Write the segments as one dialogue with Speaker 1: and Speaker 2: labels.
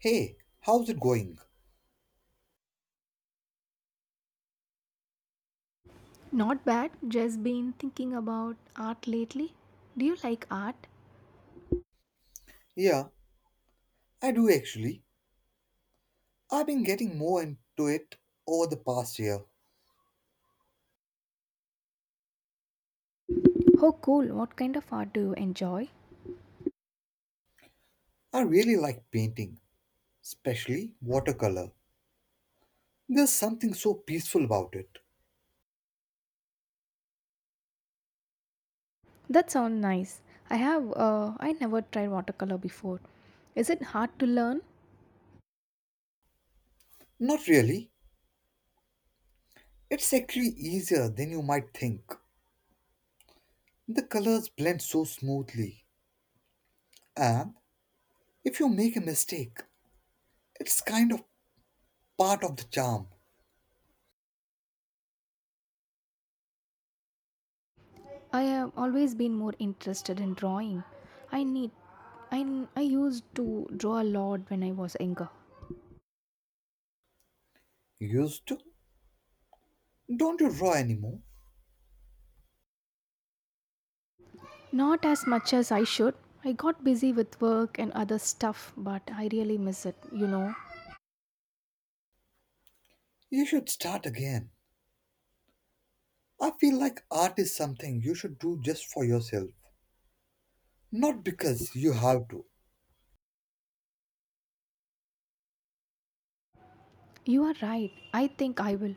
Speaker 1: Hey, how's it going?
Speaker 2: Not bad, just been thinking about art lately. Do you like art?
Speaker 1: Yeah, I do actually. I've been getting more into it over the past year.
Speaker 2: Oh, cool. What kind of art do you enjoy?
Speaker 1: I really like painting, especially watercolor. There's something so peaceful about it.
Speaker 2: That sounds nice. I have, I never tried watercolor before. Is it hard to learn?
Speaker 1: Not really. It's actually easier than you might think. The colors blend so smoothly. And if you make a mistake, it's kind of part of the charm.
Speaker 2: I have always been more interested in drawing. I need I used to draw a lot when I was younger.
Speaker 1: Used to? Don't you draw anymore?
Speaker 2: Not as much as I should. I got busy with work and other stuff, but I really miss it, you know.
Speaker 1: You should start again. I feel like art is something you should do just for yourself, not because you have to.
Speaker 2: You are right. I think I will.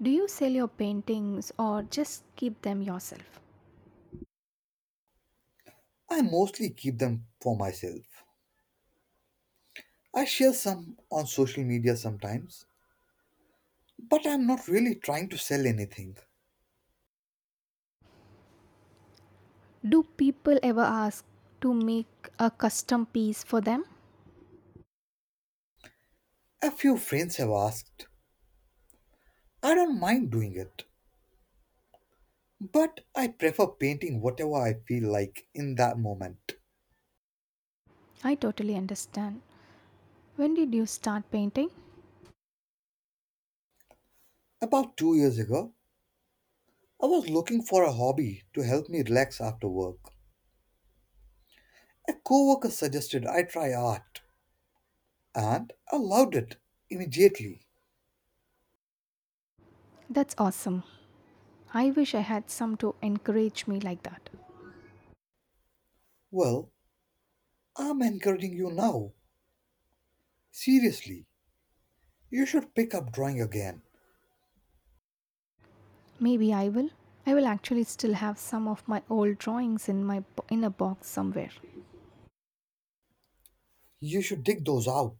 Speaker 2: Do you sell your paintings or just keep them yourself?
Speaker 1: I mostly keep them for myself. I share some on social media sometimes, but I'm not really trying to sell anything.
Speaker 2: Do people ever ask to make a custom piece for them?
Speaker 1: A few friends have asked. I don't mind doing it, but I prefer painting whatever I feel like in that moment.
Speaker 2: I totally understand. When did you start painting?
Speaker 1: About 2 years ago, I was looking for a hobby to help me relax after work. A coworker suggested I try art, and I loved it immediately.
Speaker 2: That's awesome. I wish I had some to encourage me like that.
Speaker 1: Well, I'm encouraging you now. Seriously, you should pick up drawing again.
Speaker 2: Maybe I will. I will actually still have some of my old drawings in in a box somewhere.
Speaker 1: You should dig those out.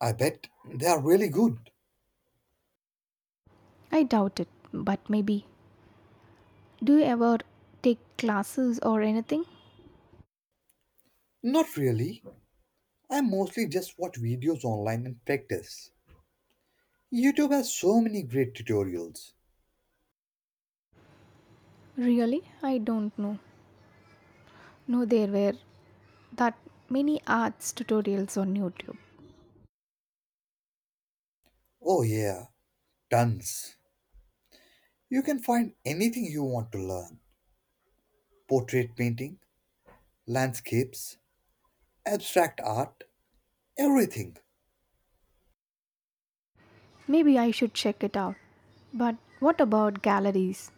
Speaker 1: I bet they are really good.
Speaker 2: I doubt it, but maybe. Do you ever take classes or anything?
Speaker 1: Not really. I mostly just watch videos online and practice. YouTube has so many great tutorials.
Speaker 2: Really? I don't know. No, there were that many arts tutorials on YouTube.
Speaker 1: Oh, yeah, tons. You can find anything you want to learn: portrait painting, landscapes, abstract art, everything.
Speaker 2: Maybe I should check it out. But what about galleries?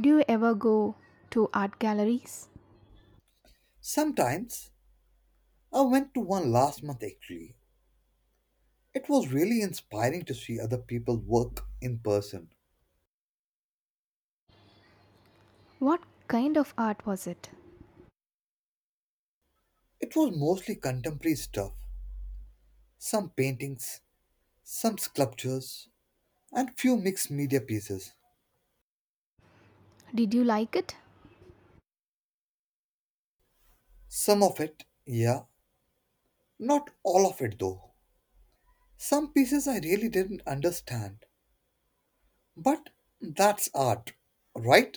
Speaker 2: Do you ever go to art galleries?
Speaker 1: Sometimes. I went to one last month actually. It was really inspiring to see other people work in person.
Speaker 2: What kind of art was it?
Speaker 1: It was mostly contemporary stuff, some paintings, some sculptures, and few mixed media pieces.
Speaker 2: Did you like it?
Speaker 1: Some of it, yeah, not all of it though. Some pieces I really didn't understand. But that's art, right?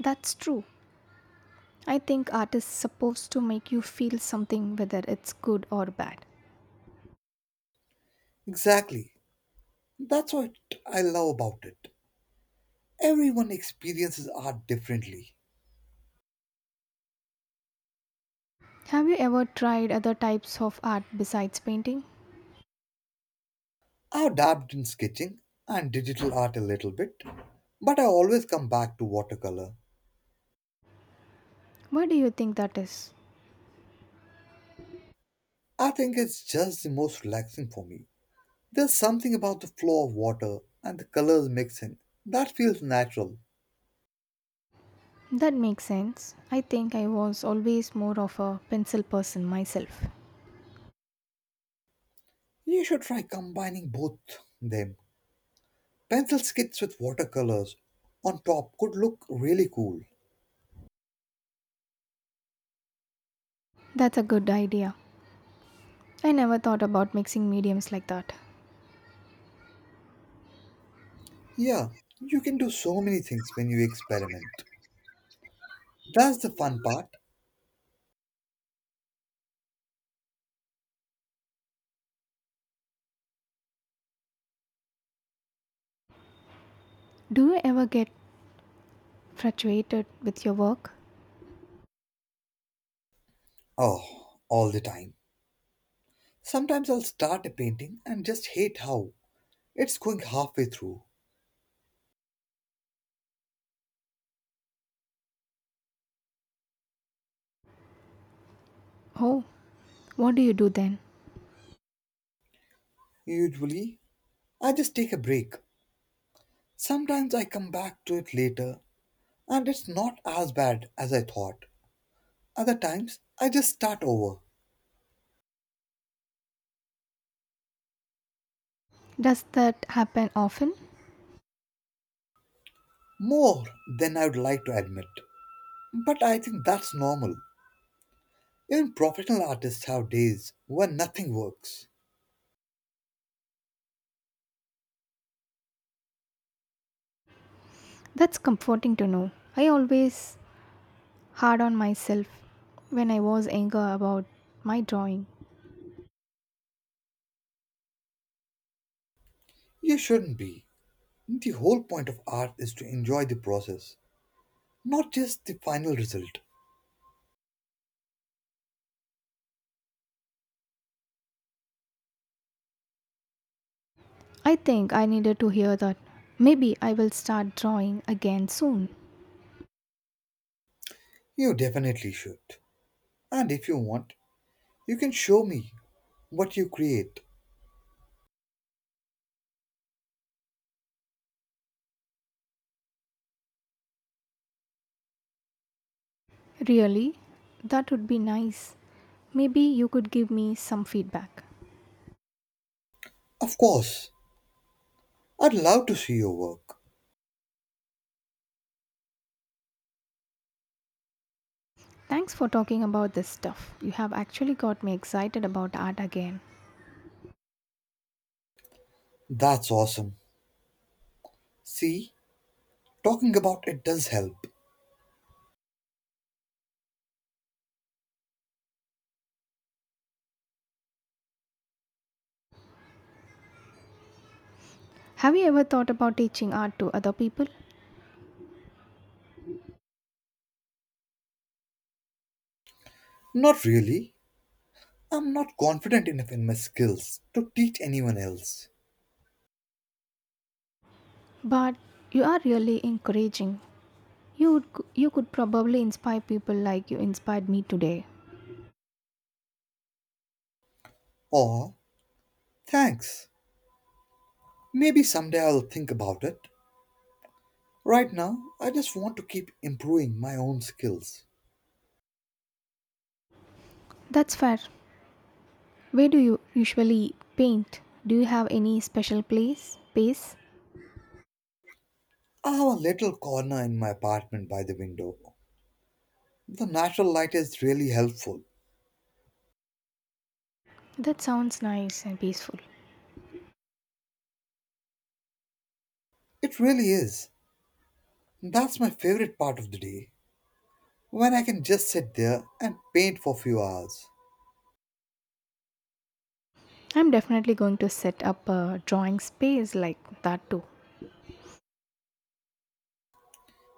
Speaker 2: That's true. I think art is supposed to make you feel something whether it's good or bad.
Speaker 1: Exactly. That's what I love about it. Everyone experiences art differently.
Speaker 2: Have you ever tried other types of art besides painting?
Speaker 1: I've dabbed in sketching and digital art a little bit, but I always come back to watercolor.
Speaker 2: Why do you think that is?
Speaker 1: I think it's just the most relaxing for me. There's something about the flow of water and the colors mixing that feels natural.
Speaker 2: That makes sense. I think I was always more of a pencil person myself.
Speaker 1: You should try combining both them. Pencil skits with watercolors on top could look really cool.
Speaker 2: That's a good idea. I never thought about mixing mediums like that.
Speaker 1: Yeah, you can do so many things when you experiment. That's the fun part.
Speaker 2: Do you ever get frustrated with your work?
Speaker 1: Oh, all the time. Sometimes I'll start a painting and just hate how it's going halfway through.
Speaker 2: Oh, what do you do then?
Speaker 1: Usually, I just take a break. Sometimes I come back to it later and it's not as bad as I thought. Other times, I just start over,
Speaker 2: Does that happen often?
Speaker 1: more than I would like to admit. But I think that's normal. Even professional artists have days when nothing works.
Speaker 2: That's comforting to know. I always hard on myself when I was angry about my drawing.
Speaker 1: You shouldn't be. The whole point of art is to enjoy the process, not just the final result.
Speaker 2: I think I needed to hear that. Maybe I will start drawing again soon.
Speaker 1: You definitely should. And if you want, you can show me what you create.
Speaker 2: Really? That would be nice. Maybe you could give me some feedback.
Speaker 1: Of course, I'd love to see your work.
Speaker 2: Thanks for talking about this stuff. You have actually got me excited about art again.
Speaker 1: That's awesome. See, talking about it does help.
Speaker 2: Have you ever thought about teaching art to other people?
Speaker 1: Not really. I'm not confident enough in my skills to teach anyone else.
Speaker 2: But you are really encouraging. You would, you could probably inspire people like you inspired me today.
Speaker 1: Or, thanks. Maybe someday I'll think about it. Right now, I just want to keep improving my own skills.
Speaker 2: That's fair. Where do you usually paint? Do you have any special place, space?
Speaker 1: I have a little corner in my apartment by the window. The natural light is really helpful.
Speaker 2: That sounds nice and peaceful.
Speaker 1: It really is. That's my favorite part of the day, when I can just sit there and paint for a few hours.
Speaker 2: I'm definitely going to set up a drawing space like that too.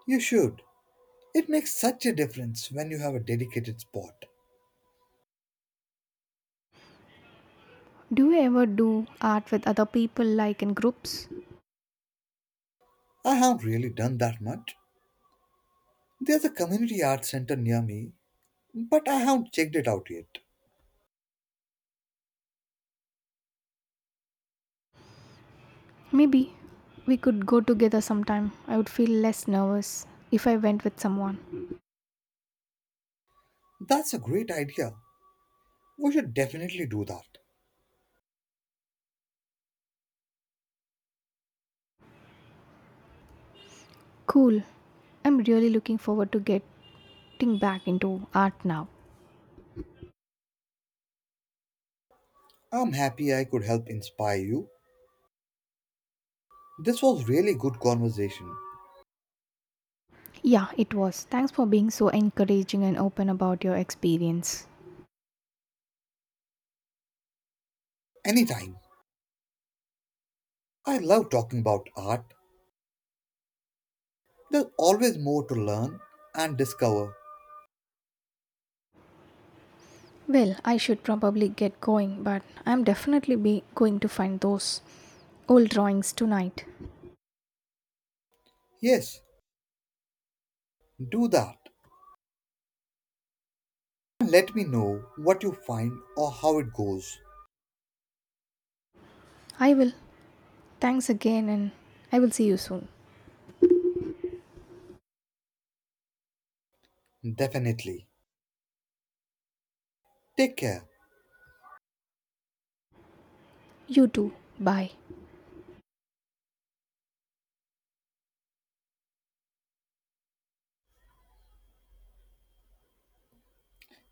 Speaker 1: You should. It makes such a difference when you have a dedicated spot.
Speaker 2: Do you ever do art with other people like in groups?
Speaker 1: I haven't really done that much. There's a community art center near me, but I haven't checked it out yet.
Speaker 2: Maybe we could go together sometime. I would feel less nervous if I went with someone.
Speaker 1: That's a great idea. We should definitely do that.
Speaker 2: Cool. I'm really looking forward to getting back into art now.
Speaker 1: I'm happy I could help inspire you. This was really good conversation.
Speaker 2: Yeah, it was. Thanks for being so encouraging and open about your experience.
Speaker 1: Anytime. I love talking about art. There's always more to learn and discover.
Speaker 2: Well, I should probably get going, but I'm definitely be going to find those old drawings tonight.
Speaker 1: Yes, do that. And let me know what you find or how it goes.
Speaker 2: I will. Thanks again and I will see you soon.
Speaker 1: Definitely. Take care.
Speaker 2: You too. Bye.